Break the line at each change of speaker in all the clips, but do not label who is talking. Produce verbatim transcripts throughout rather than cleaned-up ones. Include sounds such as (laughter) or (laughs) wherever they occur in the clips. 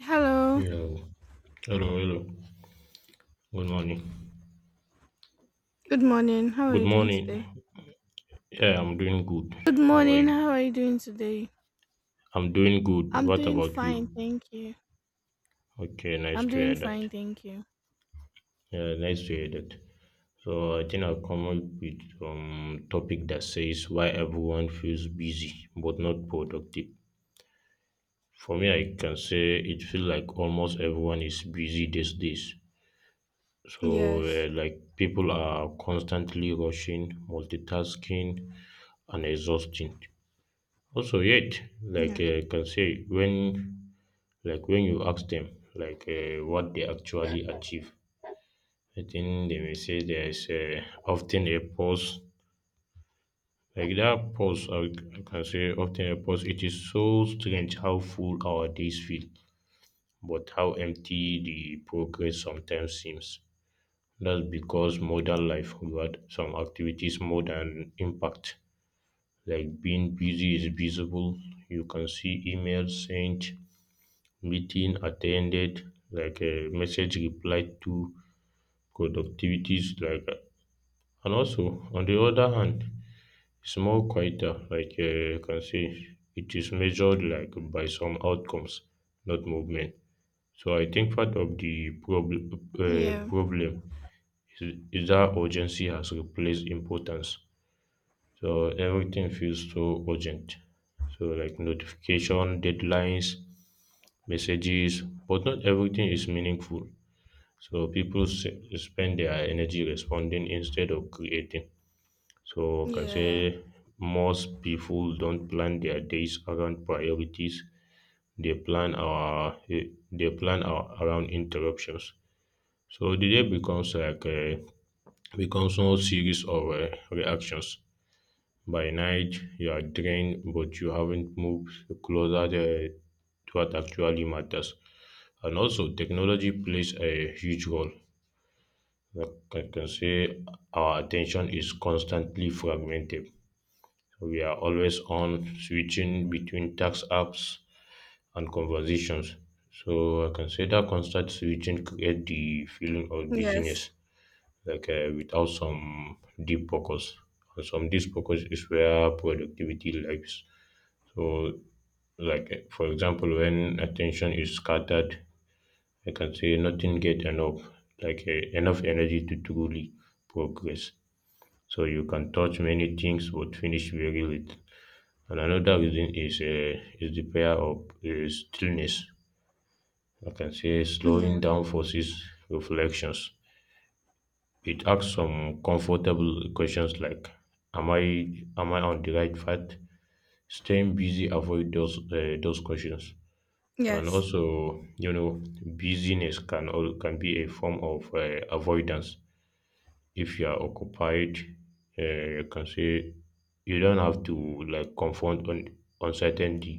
Hello.
Hello. Hello, hello. Good morning.
Good morning. How are
Good
you doing today?
morning. Yeah, I'm doing good.
Good
How are
morning.
you?
How are you doing today?
I'm doing good.
I'm
What
doing
about
fine,
you?
thank you.
Okay, nice
I'm
to
doing
hear
fine,
that.
thank you.
Yeah, nice to hear that. So I think I'll come up with um topic that says why everyone feels busy but not productive. For me, I can say it feels like almost everyone is busy these days. So
Yes.
uh, like people are constantly rushing, multitasking, and exhausting. Also yet, like
Yeah.
uh, can say when like when you ask them like uh, what they actually achieve, I think they may say there's uh, often a pause. Like that pause, I c- I can say often a pause. It is so strange how full our days feel, but how empty the progress sometimes seems. That's because modern life rewards some activities more than impact. Like being busy is visible. You can see emails sent, meeting attended, like a message replied to, productivities like that. And also, on the other hand, it's more quieter, like uh, you can say it is measured like by some outcomes, not movement. So I think part of the problem uh,
Yeah.
problem is, is that urgency has replaced importance. So everything feels so urgent. So like notification, deadlines, messages, but not everything is meaningful. So people s- spend their energy responding instead of creating. So I can say
Yeah.
most people don't plan their days around priorities. They plan our eh, they plan our, around interruptions. So the day becomes like a becomes a series of uh, reactions. By night you are drained, but you haven't moved closer to to what actually matters. And also, technology plays a huge role. Like I can say our attention is constantly fragmented. So we are always on switching between tax apps and conversations. So I can say that constant switching create the feeling of
Yes.
busyness, like uh, without some deep focus. And some deep focus is where productivity lies. So, like uh, for example, when attention is scattered, I can say nothing get enough, like uh, enough energy to truly progress. So you can touch many things but finish very little. And another reason is uh, is the prayer of uh, stillness. I can say
Yeah.
slowing down forces reflections. It asks some comfortable questions like, "Am I am I on the right path?" Staying busy avoid those uh, those questions. And
Yes.
also, you know, busyness can al- can be a form of uh, avoidance. If you are occupied, uh, you can say you don't have to like confront un- uncertainty,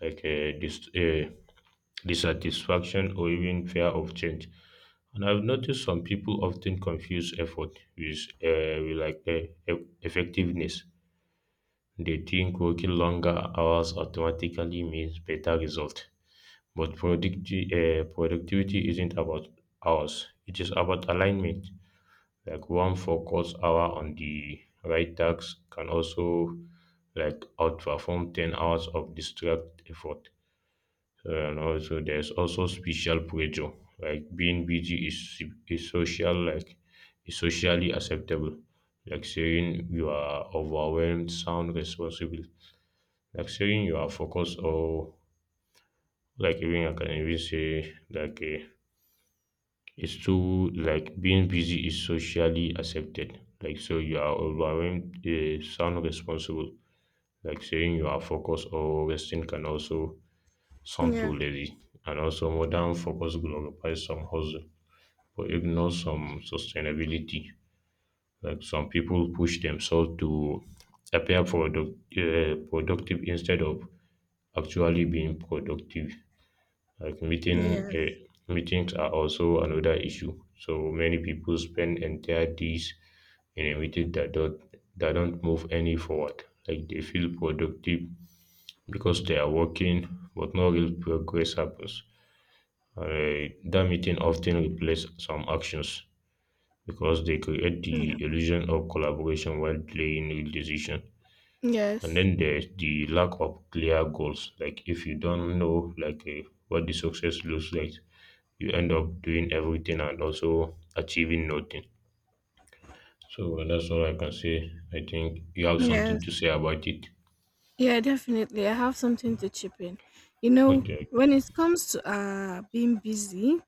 like uh, dis- uh, dissatisfaction, or even fear of change. And I've noticed some people often confuse effort with, uh, with like uh, e- effectiveness. They think working longer hours automatically means better result. But producti- uh, productivity isn't about hours; it is about alignment. Like one focus hour on the right task can also like outperform ten hours of distract effort. And also there's also special pressure. Like being busy is is social like is socially acceptable. Like saying you are overwhelmed sound responsible. Like saying you are focused or like even I can even say like uh, it's too like being busy is socially accepted. Like so you are overwhelmed uh, sound responsible. Like saying you are focused or resting can also sound too
Yeah.
lazy. And also modern focus glorifies some hustle but ignores some sustainability. Like some people push themselves to appear product, uh, productive instead of actually being productive. Like meeting uh,
Yes.
meetings are also another issue. So many people spend entire days in a meeting that don't that don't move any forward. Like they feel productive because they are working, but no real progress happens. Uh, that meeting often replace some actions because they create
Yeah.
the illusion of collaboration while delaying real decision. And
Yes.
then there's the lack of clear goals. Like if you don't know like uh, what the success looks like, you end up doing everything and also achieving nothing. So well, that's all I can say. I think you have something
Yes.
to say about it.
Yeah, definitely, I have something to chip in. You know,
Okay,
when
okay.
it comes to uh being busy,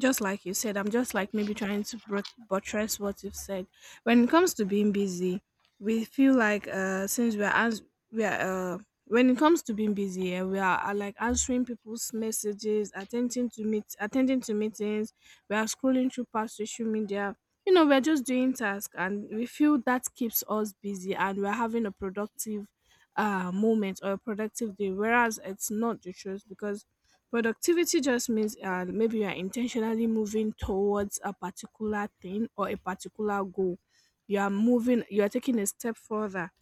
just like you said, I'm just like maybe trying to brut- buttress what you've said. When it comes to being busy, we feel like uh, since we are ans- we are uh, when it comes to being busy, eh, we are, are like answering people's messages, attending to meet attending to meetings. We are scrolling through past social media. You know, we're just doing tasks, and we feel that keeps us busy, and we're having a productive uh moment or a productive day. Whereas it's not the truth because productivity just means uh, maybe you are intentionally moving towards a particular thing or a particular goal. You are moving, you are taking a step further.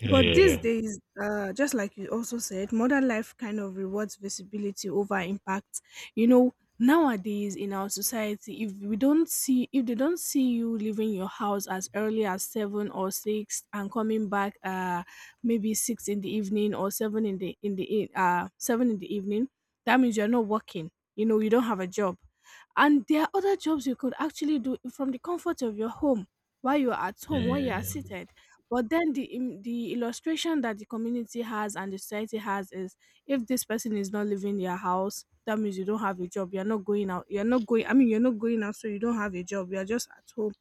Yeah,
But
yeah,
these
yeah.
days, uh, just like you also said, modern life kind of rewards visibility over impact. You know, nowadays in our society, if we don't see, if they don't see you leaving your house as early as seven or six and coming back, uh, maybe six in the evening or seven in the in the e- uh seven in the evening, that means you're not working. You know, you don't have a job, and there are other jobs you could actually do from the comfort of your home while you're at
Yeah,
home, while
yeah,
you are
yeah.
seated. But then the im- the illustration that the community has and the society has is if this person is not leaving your house, that means you don't have a job, you're not going out, you're not going I mean you're not going out, so you don't have a job, you're just at home.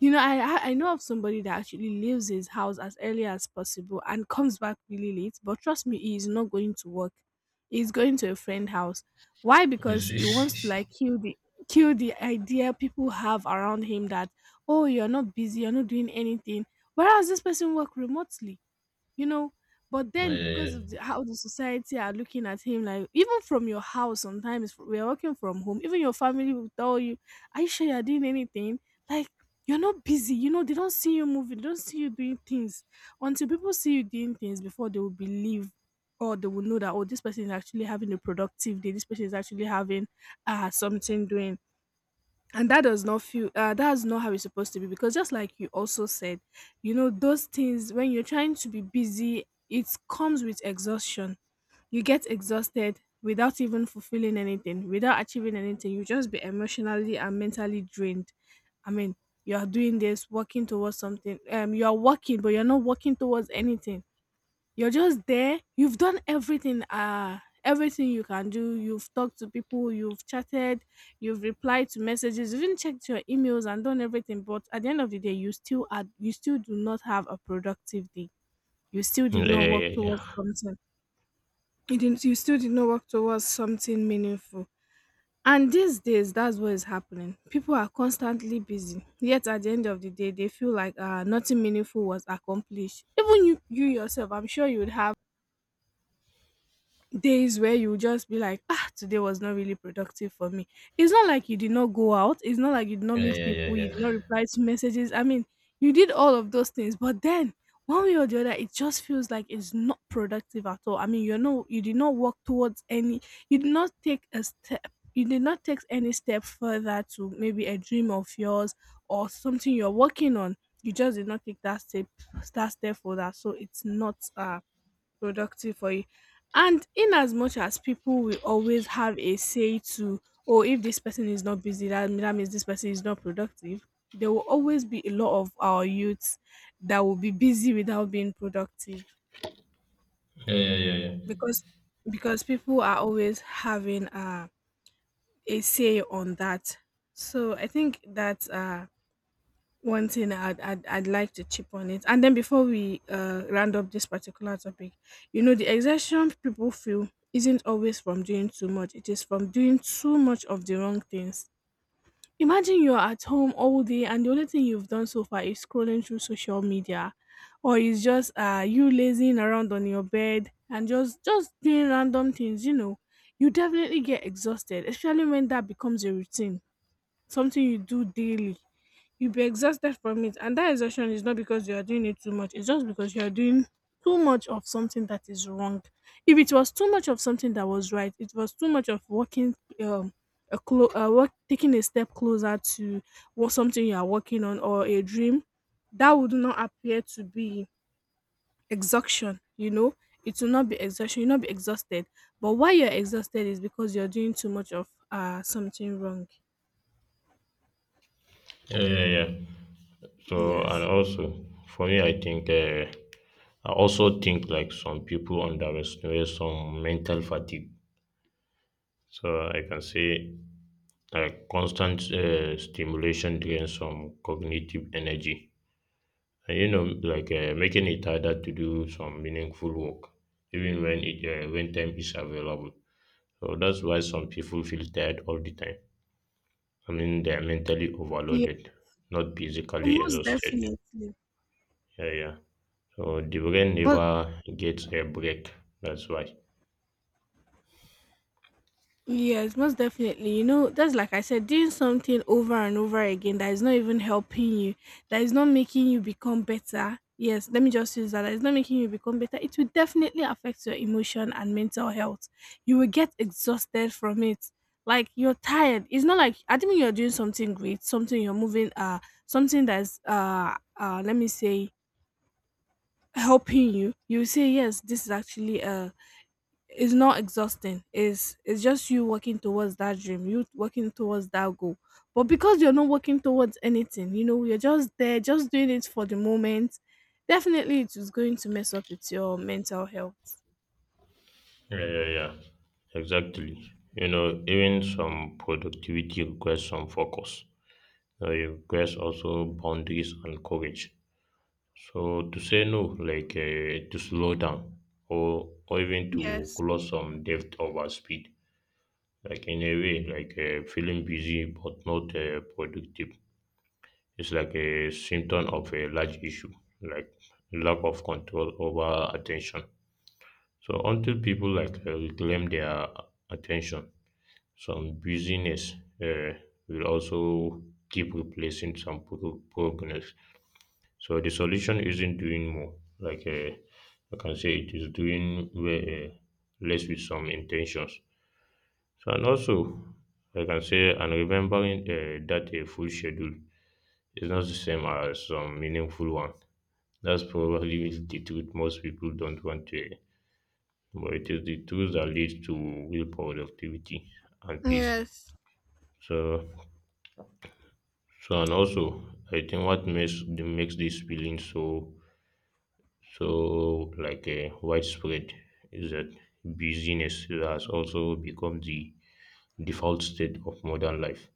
You know, I I know of somebody that actually leaves his house as early as possible and comes back really late. But trust me, he is not going to work. He's going to a friend house. Why?
You
Because he wants to like
see?
kill the kill the idea people have around him that, oh, you're not busy, you're not doing anything. Whereas this person work remotely, you know. But
(laughs) Yeah,
then
yeah,
because
yeah.
of the, how the society are looking at him, like even from your house, sometimes we are working from home, even your family will tell you, are you sure you're doing anything? Like you're not busy, you know, they don't see you moving, they don't see you doing things until people see you doing things before they will believe or they will know that, oh, this person is actually having a productive day, this person is actually having uh something doing. And that does not feel uh, that's not how it's supposed to be, because just like you also said, you know, those things, when you're trying to be busy, it comes with exhaustion. You get exhausted without even fulfilling anything, without achieving anything, you just be emotionally and mentally drained. I mean, you are doing this working towards something, um you are working, but you're not working towards anything, you're just there. You've done everything, uh, everything you can do. You've talked to people, you've chatted, you've replied to messages, even checked your emails and done everything. But at the end of the day, you still are, you still do not have a productive day. You still
Yeah,
did not
yeah,
work
yeah,
towards
yeah.
something. You didn't. You still did not work towards something meaningful. And these days, that's what is happening. People are constantly busy. Yet at the end of the day, they feel like uh, nothing meaningful was accomplished. Even you, you yourself, I'm sure you would have days where you just be like, ah, today was not really productive for me. It's not like you did not go out. It's not like you did not
Yeah,
meet
yeah, yeah,
people. You did not
yeah.
reply to messages. I mean, you did all of those things. But then, one way or the other, it just feels like it's not productive at all. I mean, you know, you did not work towards any, you did not take a step. You did not take any step further to maybe a dream of yours or something you're working on. You just did not take that step, that step for that. So it's not uh productive for you. And in as much as people will always have a say to, oh, if this person is not busy, that, that means this person is not productive. There will always be a lot of our youths that will be busy without being productive
Yeah, yeah, yeah, yeah.
because because people are always having uh, a say on that. So I think that uh, one thing I'd, I'd I'd like to chip on it, and then before we uh, round up this particular topic, you know, the exhaustion people feel isn't always from doing too much; it is from doing too much of the wrong things. Imagine you're at home all day, and the only thing you've done so far is scrolling through social media, or is just uh you lazing around on your bed and just just doing random things. You know, you definitely get exhausted, especially when that becomes a routine, something you do daily, you'll be exhausted from it. And that exhaustion is not because you are doing it too much, it's just because you are doing too much of something that is wrong. If it was too much of something that was right, it was too much of working, um, a clo- uh, work, taking a step closer to what, something you are working on or a dream, that would not appear to be exhaustion, you know. It will not be exhaustion, you'll not be exhausted. But why you're exhausted is because you're doing too much of uh something wrong.
Yeah, yeah, yeah. So, and
Yes.
also, for me, I think, uh, I also think like some people underestimate some mental fatigue. So, I can say like constant uh, stimulation drains some cognitive energy, and you know like uh, making it harder to do some meaningful work even when it uh, when time is available. So that's why some people feel tired all the time. I mean, they're mentally overloaded, not physically
Most
exhausted.
definitely.
Yeah, yeah. So the brain
Well,
never gets a break. That's why.
yes, most definitely. You know, that's like I said, doing something over and over again that is not even helping you, that is not making you become better. Yes, let me just use that. That is not making you become better. It will definitely affect your emotion and mental health. You will get exhausted from it. Like you're tired. It's not like I think you're doing something great, something you're moving, uh, something that's uh, uh, let me say helping you. You will say yes, this is actually uh it's not exhausting, it's it's just you working towards that dream, you working towards that goal, but because you're not working towards anything, you know, you're just there just doing it for the moment, definitely it is going to mess up with your mental health.
Yeah, yeah, yeah, exactly. You know, even some productivity requires some focus, uh, requires also boundaries and courage. So to say no, like uh, to slow down, or or even to
Yes.
close some depth over speed. Like in a way, like uh, feeling busy but not uh, productive. It's like a symptom of a large issue, like lack of control over attention. So until people like uh, reclaim their attention, some busyness uh, will also keep replacing some pro- progress. So the solution isn't doing more. Like uh, I can say, it is doing way, uh, less with some intentions. So and also, I can say, and remembering uh, that a full schedule is not the same as some meaningful one. That's probably (laughs) the truth most people don't want to hear. But it is the truth that leads to real productivity and peace.
Yes.
So, so and also, I think what makes makes this feeling so, so, like a widespread is that busyness has also become the default state of modern life.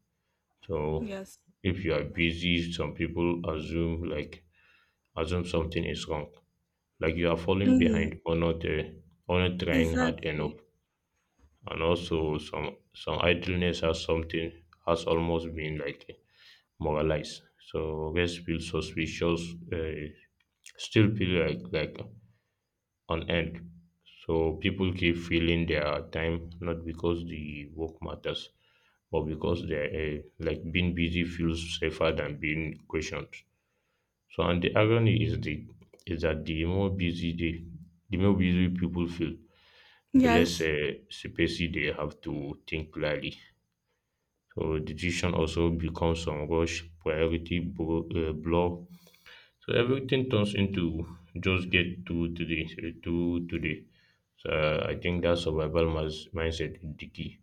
So,
Yes.
if you are busy, some people assume like assume something is wrong, like you are falling
Mm,
behind or not uh, or not trying hard
exactly,
enough. And also, some some idleness has something has almost been like moralized. So, rest feels suspicious. Uh, still feel like like on end. So people keep filling their time not because the work matters, but because they're uh, like being busy feels safer than being questioned. So and the irony is the is that the more busy they, the more busy people feel, the less
yes.
uh, space they have to think clearly. So decision also becomes some rush, priority bro- uh, blur, so everything turns into just get through today, through today. So I think that survival mas- mindset is the key.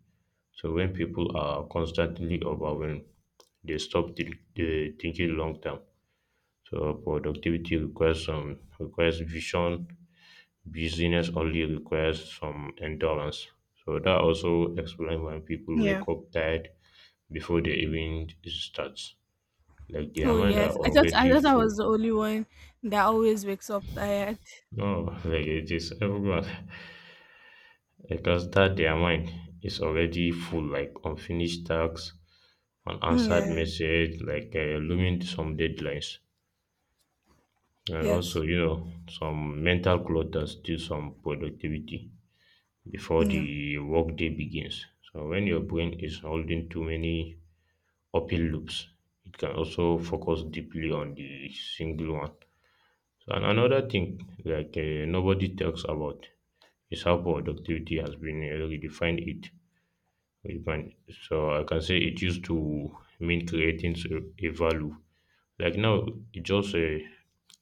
So when people are constantly overwhelmed, they stop th- they thinking long term. So productivity requires some requires vision. Business only requires some endurance. So that also explains why people
Yeah.
wake up tired before the event starts. Like their
Oh
mind
yes,
are
i thought i
already
thought I
full.
was the only one that always wakes up tired.
No, like it is everyone. (laughs) Because that their mind is already full, like unfinished tasks, unanswered
Yeah.
message, like uh, looming some deadlines, and also
Yes.
you know some mental clutter steal some productivity before
Yeah.
the workday begins. So when your brain is holding too many open loops, it can also focus deeply on the single one. So, and another thing like uh, nobody talks about is how productivity has been uh, redefined it. Even, so I can say it used to mean creating s- a value. Like now, it just uh,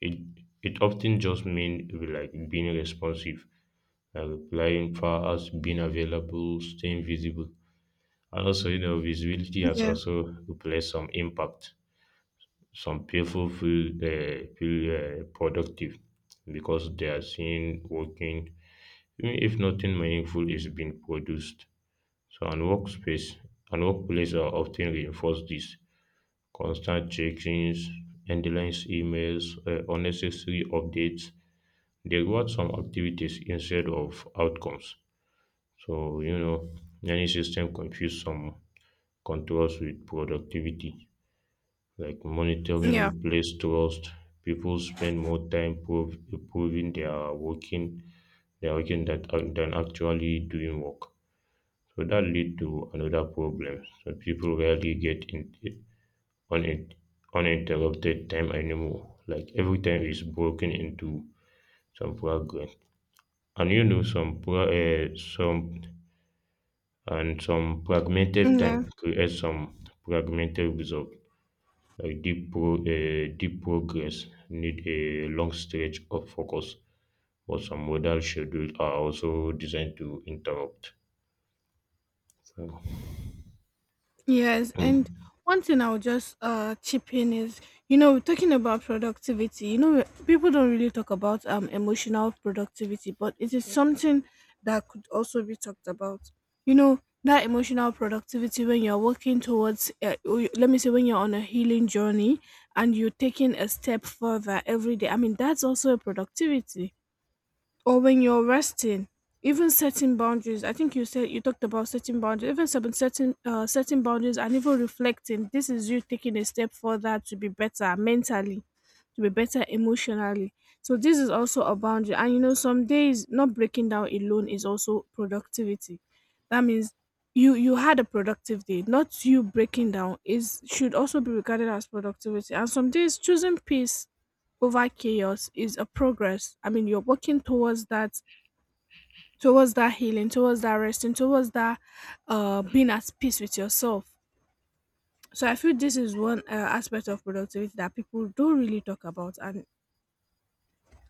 it it often just mean like being responsive, like replying fast, being available, staying visible, and also you know visibility has
Yeah.
also replaced some impact. Some people feel uh, feel uh, productive because they are seen working, even if nothing meaningful is being produced. So and workspace and workplace are often reinforce this. Constant check-ins, endless emails, uh, unnecessary updates. They reward some activities instead of outcomes. So you know, many system confuse some controls with productivity. Like monitoring
Yeah.
replace trust. People spend more time prov- proving they are working, they are working that, than actually doing work. So that lead to another problem. So people rarely get in, unin uninterrupted time anymore. Like every time is broken into some fragment. And you know some pro- uh, some and some fragmented time
Yeah.
creates some fragmented result. Like deep pro, uh, deep progress need a long stretch of focus, but some modal schedules are also designed to interrupt. So,
Yes, and
mm.
one thing I'll just uh chip in is, you know, talking about productivity, you know, people don't really talk about um emotional productivity, but it is something that could also be talked about. You know, that emotional productivity when you're working towards, uh, or you- let me say, when you're on a healing journey and you're taking a step further every day. I mean, that's also a productivity, or when you're resting, even setting boundaries. I think you said you talked about setting boundaries, even sub- setting uh, setting boundaries and even reflecting. This is you taking a step further to be better mentally, to be better emotionally. So this is also a boundary. And you know, some days not breaking down alone is also productivity. That means you, you had a productive day, not you breaking down, is should also be regarded as productivity. And some days choosing peace over chaos is a progress. I mean, you're working towards that, towards that healing, towards that resting, towards that uh, being at peace with yourself. So I feel this is one uh, aspect of productivity that people don't really talk about, and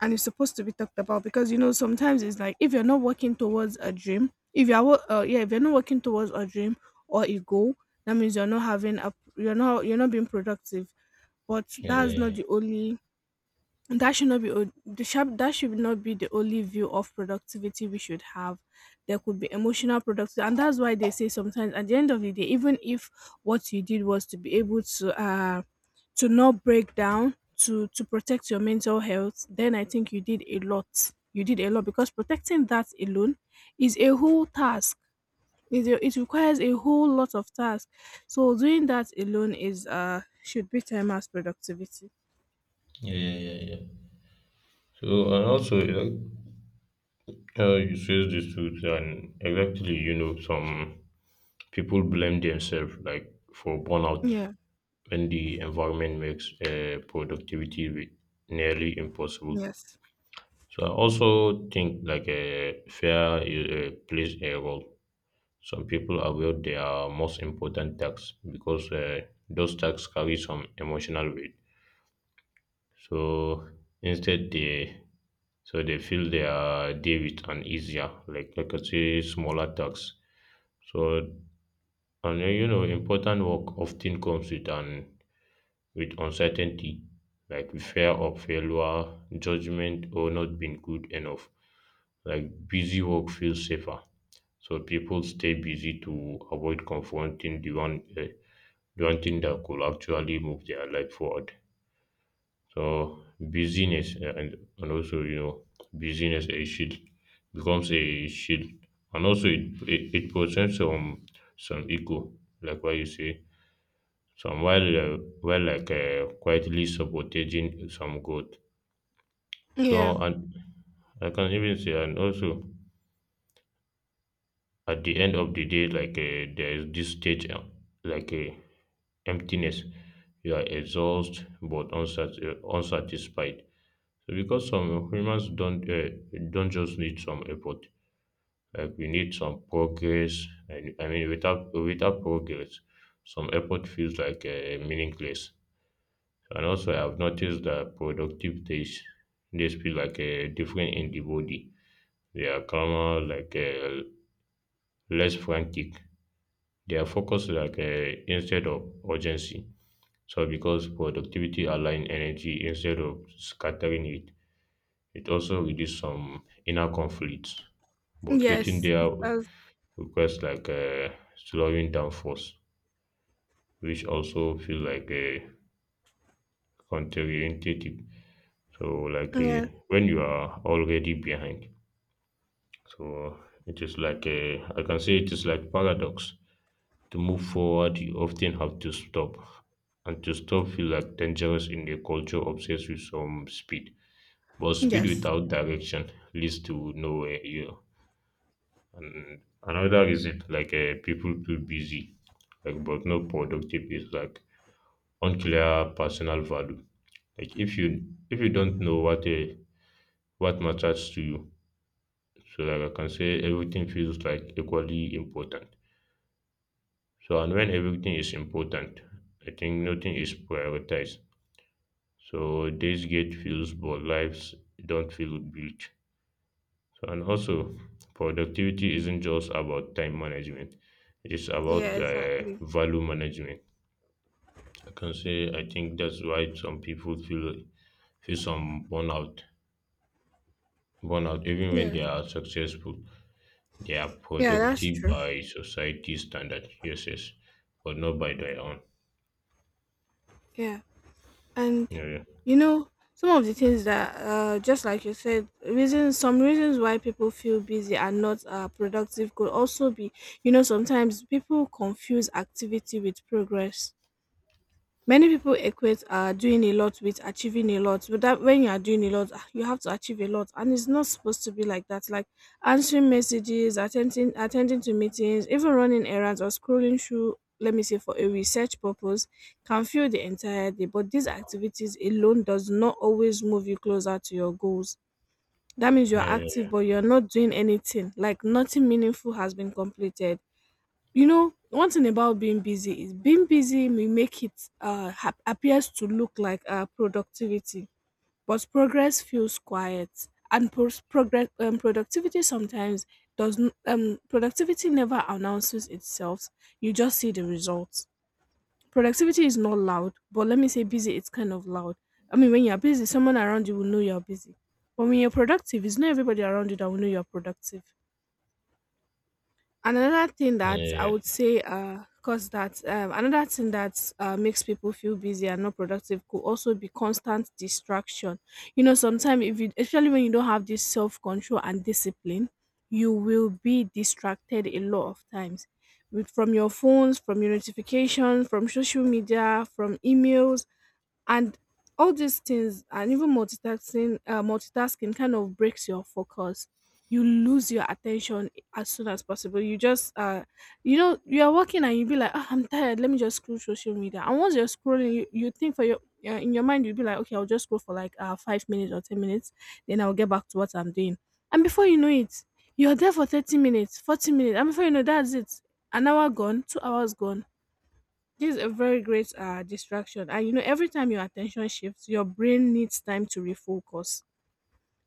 and it's supposed to be talked about, because you know sometimes it's like if you're not working towards a dream, if you're wo- uh, yeah, if you're not working towards a dream or a goal, that means you're not having a you're not, you're not being productive. But
Yeah, yeah,
that's not
yeah,
the only that should not be o- the sharp that should not be the only view of productivity we should have. There could be emotional productivity, and that's why they say sometimes at the end of the day, even if what you did was to be able to uh to not break down, to to protect your mental health, then I think you did a lot. You did a lot, because protecting that alone is a whole task. It, it requires a whole lot of tasks. So doing that alone is uh should be termed as productivity.
yeah, yeah, yeah, yeah. So, and also, like, uh, you says the truth, and exactly, you know, some people blame themselves like for burnout
Yeah.
when the environment makes uh, productivity re- nearly impossible.
Yes.
So I also think like a fair uh, plays a role. Some people avoid their most important tasks because uh, those tasks carry some emotional weight. So instead they so they fill their day with an easier, like like I say, smaller tasks. So and then, you know, important work often comes with an, with uncertainty, like fear of failure, judgment, or not being good enough. Like busy work feels safer, so people stay busy to avoid confronting the one uh, the one thing that could actually move their life forward. So busyness uh, and and also you know busyness a shield becomes a shield, and also it it, it presents some some echo like what you say. Some while uh, while like uh, quietly supporting some growth.
Yeah.
So and I can even say and also at the end of the day like uh, there is this stage uh, like uh, emptiness. You are exhausted but unsat- uh, unsatisfied. So because some humans don't uh, don't just need some effort. Like we need some progress. And I mean, without without progress, some effort feels like uh, meaningless. And also, I have noticed that productive days days feel like uh, different in the body. They are calmer, like uh, less frantic. They are focused like uh, instead of urgency. So because productivity align energy instead of scattering it, it also reduces some inner conflicts. But getting
Yes, it
there
does.
requires like uh, slowing down first, which also feels like a counterintuitive. So like uh,
Yeah.
when you are already behind, so it is like a, I can say it is like paradox. To move forward, you often have to stop, and to stop feel like dangerous in a culture obsessed with some speed. But speed
Yes.
without direction leads to nowhere. You know. And another reason, like uh, people too busy like but not productive is like unclear personal value. Like if you if you don't know what a what matters to you, so like I can say everything feels like equally important. So and when everything is important, I think nothing is prioritized. So days get feels but lives don't feel built. So and also productivity isn't just about time management. It's
Yeah,
about uh,
exactly.
value management. I can say I think that's why some people feel feel some burnout burnout even when they
Yes.
are successful. They are
Yeah, that's
productive
true.
by society standard, yes, yes, but not by their own.
Yeah. And
Yeah, yeah,
you know, some of the things that uh just like you said, reasons, some reasons why people feel busy and not uh productive could also be, you know, sometimes people confuse activity with progress. Many people equate uh, doing a lot with achieving a lot, but that when you are doing a lot, ah, you have to achieve a lot, and it's not supposed to be like that. Like answering messages, attending attending to meetings, even running errands or scrolling through. Let me say, for a research purpose, can fill the entire day. But these activities alone does not always move you closer to your goals. That means you are
yeah,
active, but you are not doing anything. Like nothing meaningful has been completed. You know, one thing about being busy is being busy may make it uh hap appears to look like uh productivity, but progress feels quiet and pros- progress um, productivity sometimes does n- um productivity never announces itself. You just see the results. Productivity is not loud, but let me say busy, it's kind of loud. I mean, when you're busy, someone around you will know you're busy, but when you're productive, it's not everybody around you that will know you're productive. Another thing
yeah, yeah,
that
yeah,
I would
yeah.
say uh cause that um, another thing that uh, makes people feel busy and not productive could also be constant distraction. You know, sometimes if you, especially when you don't have this self-control and discipline, you will be distracted a lot of times with, from your phones, from your notifications, from social media, from emails, and all these things. And even multitasking, uh, multitasking kind of breaks your focus. You lose your attention. As soon as possible, you just uh you know, you are working and you be like, oh, I'm tired, let me just scroll social media. And once you're scrolling, you, you think for your uh, in your mind, you'll be like, okay, I'll just scroll for like uh five minutes or ten minutes, then I'll get back to what I'm doing. And before you know it, you're there for thirty minutes, forty minutes, and before you know, that's it, an hour gone, two hours gone. This is a very great uh, distraction. And you know, every time your attention shifts, your brain needs time to refocus.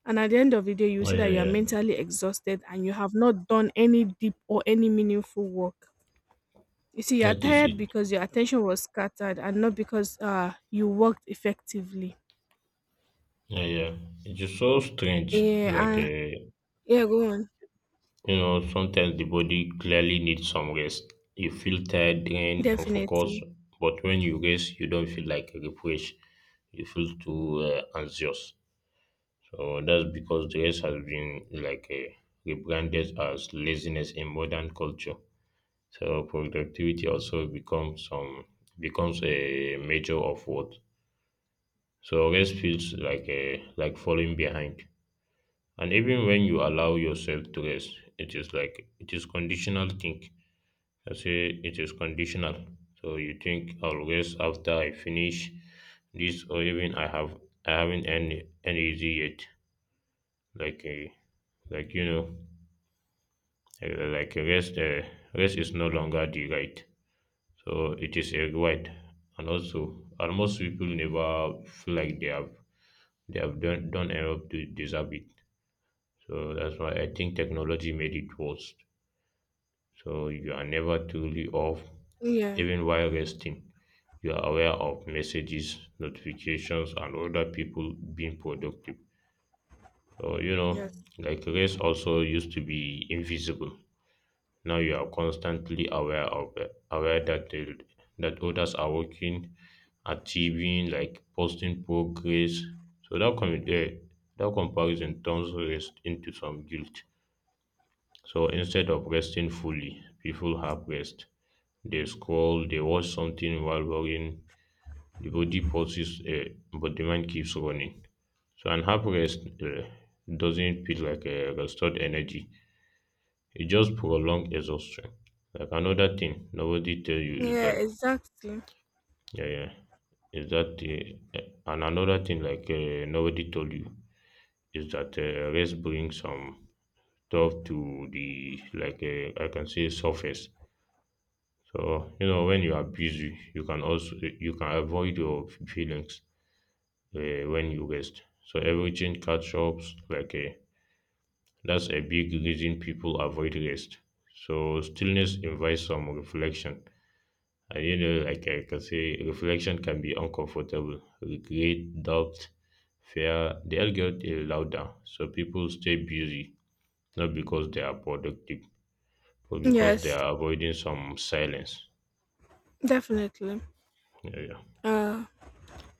And at the end of the day, you
Oh,
see that
yeah.
you are
Yeah.
mentally exhausted and you have not done any deep or any meaningful work. You see, you are
That is
tired
it.
because your attention was scattered and not because uh, you worked effectively.
Yeah, yeah. It's just so strange. Like,
Yeah. Uh,
uh,
yeah, go on.
you know, sometimes the body clearly needs some rest. You feel tired, drained, unfocused,
Definitely.
but when you rest, you don't feel like refreshed. You feel too uh, anxious. So that's because rest has been like uh, rebranded as laziness in modern culture. So productivity also becomes some becomes a measure of worth. So rest feels like a like falling behind. And even when you allow yourself to rest, it is like it is conditional think. I say it is conditional. So you think I'll rest after I finish this or even I have I haven't any energy yet. Like a, like you know, uh, like rest uh, rest is no longer the right, so it is a right. And also almost people never feel like they have they have done, done enough to deserve it. So that's why I think technology made it worse. So you are never truly off,
Yeah,
even while resting. You are aware of messages, notifications, and other people being productive, so you know,
yes.
like rest also used to be invisible. Now you are constantly aware of aware that the, that others are working, achieving, like posting progress. So that com- eh, that comparison turns rest into some guilt. So instead of resting fully, people have rest. They scroll, they watch something while worrying. The body pauses, eh, but the mind keeps running. So an half rest eh, doesn't feel like a restored energy. It just prolong exhaustion. Like another thing nobody tell you is
Yeah,
that,
exactly.
yeah, yeah is that uh, and another thing like uh, nobody told you is that uh, rest brings some stuff to the like uh, I can say surface. So you know when you are busy, you can also you can avoid your feelings uh, when you rest. So everything catch up. Like uh, that's a big reason people avoid rest. So stillness invites some reflection. And you know, like I can say, reflection can be uncomfortable. Regret, doubt, fear, they all get uh, louder. So people stay busy, not because they are productive, but because they
Yes,
are avoiding some silence.
definitely.
Yeah, yeah.
Uh,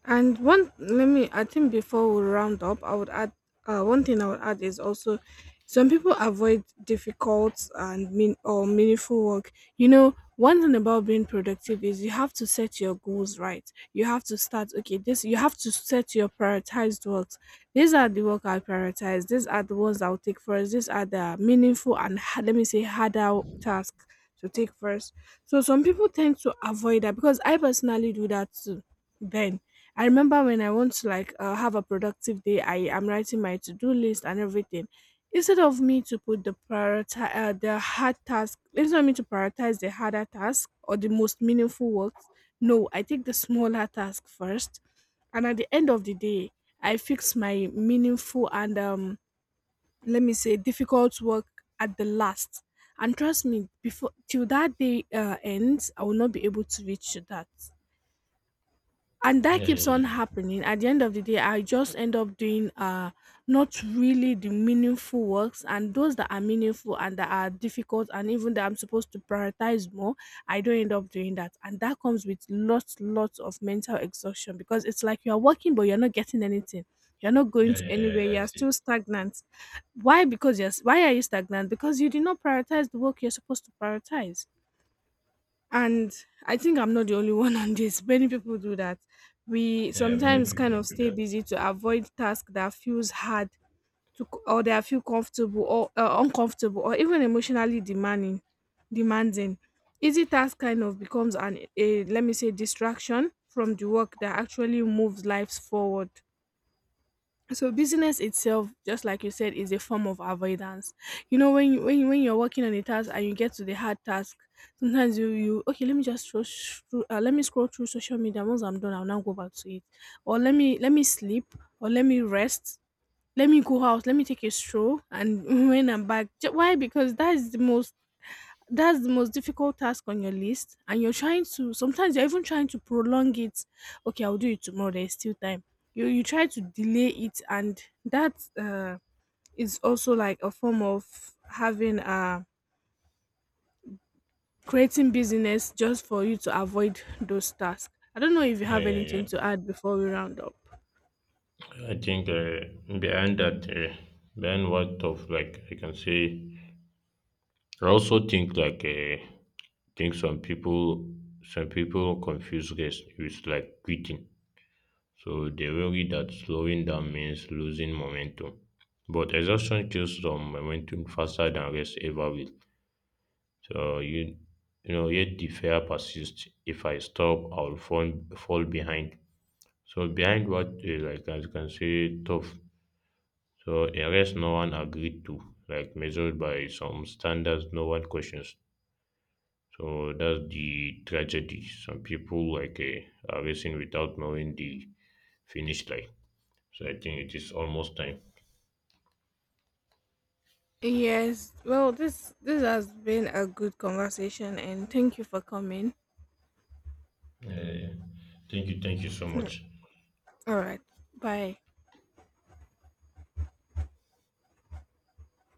And one, let me, I think before we round up, I would add uh, one thing I would add is also some people avoid difficult and mean or meaningful work. You know, one thing about being productive is you have to set your goals right. You have to start, okay, this, you have to set your prioritized works. These are the work I prioritize. These are the ones I'll take first. These are the meaningful and, ha- let me say, harder tasks to take first. So some people tend to avoid that, because I personally do that too. Then I remember when I want to like uh, have a productive day, I am writing my to-do list and everything. Instead of me to put the prioritize uh, the hard task, instead of me to prioritize the harder task or the most meaningful works, no, I take the smaller task first, and at the end of the day, I fix my meaningful and um, let me say difficult work at the last. And trust me, before till that day uh, ends, I will not be able to reach to that. And that
Yeah,
keeps on
yeah, yeah,
happening. At the end of the day, I just end up doing uh not really the meaningful works, and those that are meaningful and that are difficult and even that I'm supposed to prioritize more, I don't end up doing that. And that comes with lots lots of mental exhaustion, because it's like you're working but you're not getting anything, you're not going
yeah,
to
yeah, yeah,
anywhere, you're
that's it.
still stagnant. Why? Because, yes, why are you stagnant? Because you did not prioritize the work you're supposed to prioritize. And I think I'm not the only one (laughs) on this. Many people do that. We
Yeah, many
sometimes kind
people
of
do
stay
that.
busy to avoid tasks that feels hard to, or that feel comfortable or uh, uncomfortable or even emotionally demanding demanding Easy task kind of becomes an a let me say distraction from the work that actually moves lives forward. So business itself, just like you said, is a form of avoidance. You know, when you when, you, when you're working on a task and you get to the hard task, sometimes you you okay let me just throw through, uh, let me scroll through social media, once I'm done I'll now go back to it, or let me let me sleep, or let me rest, let me go out, let me take a stroll, and (laughs) when I'm back. Ju- why? Because that's the most, that's the most difficult task on your list, and you're trying to, sometimes you're even trying to prolong it. Okay, I'll do it tomorrow, there's still time. You you try to delay it. And that uh is also like a form of having uh creating business just for you to avoid those tasks. I don't know if you
Yeah,
have
yeah,
anything
yeah.
to add before we round up.
I think uh, behind that, uh, behind what of like I can say, I also think like uh, think some people, some people confuse rest with like quitting. So they worry that slowing down means losing momentum. But exhaustion kills some momentum faster than rest ever will. So you you know yet the fear persists. If I stop I'll fall fall behind. So behind what uh, like as you can see tough. So a rest no one agreed to, like measured by some standards no one questions. So that's the tragedy. Some people like uh, are racing without knowing the finish line. So I think it is almost time.
Yes, well, this this has been a good conversation, and thank you for coming.
Yeah, yeah, yeah. Thank you, thank you so
Mm.
much.
All right, bye.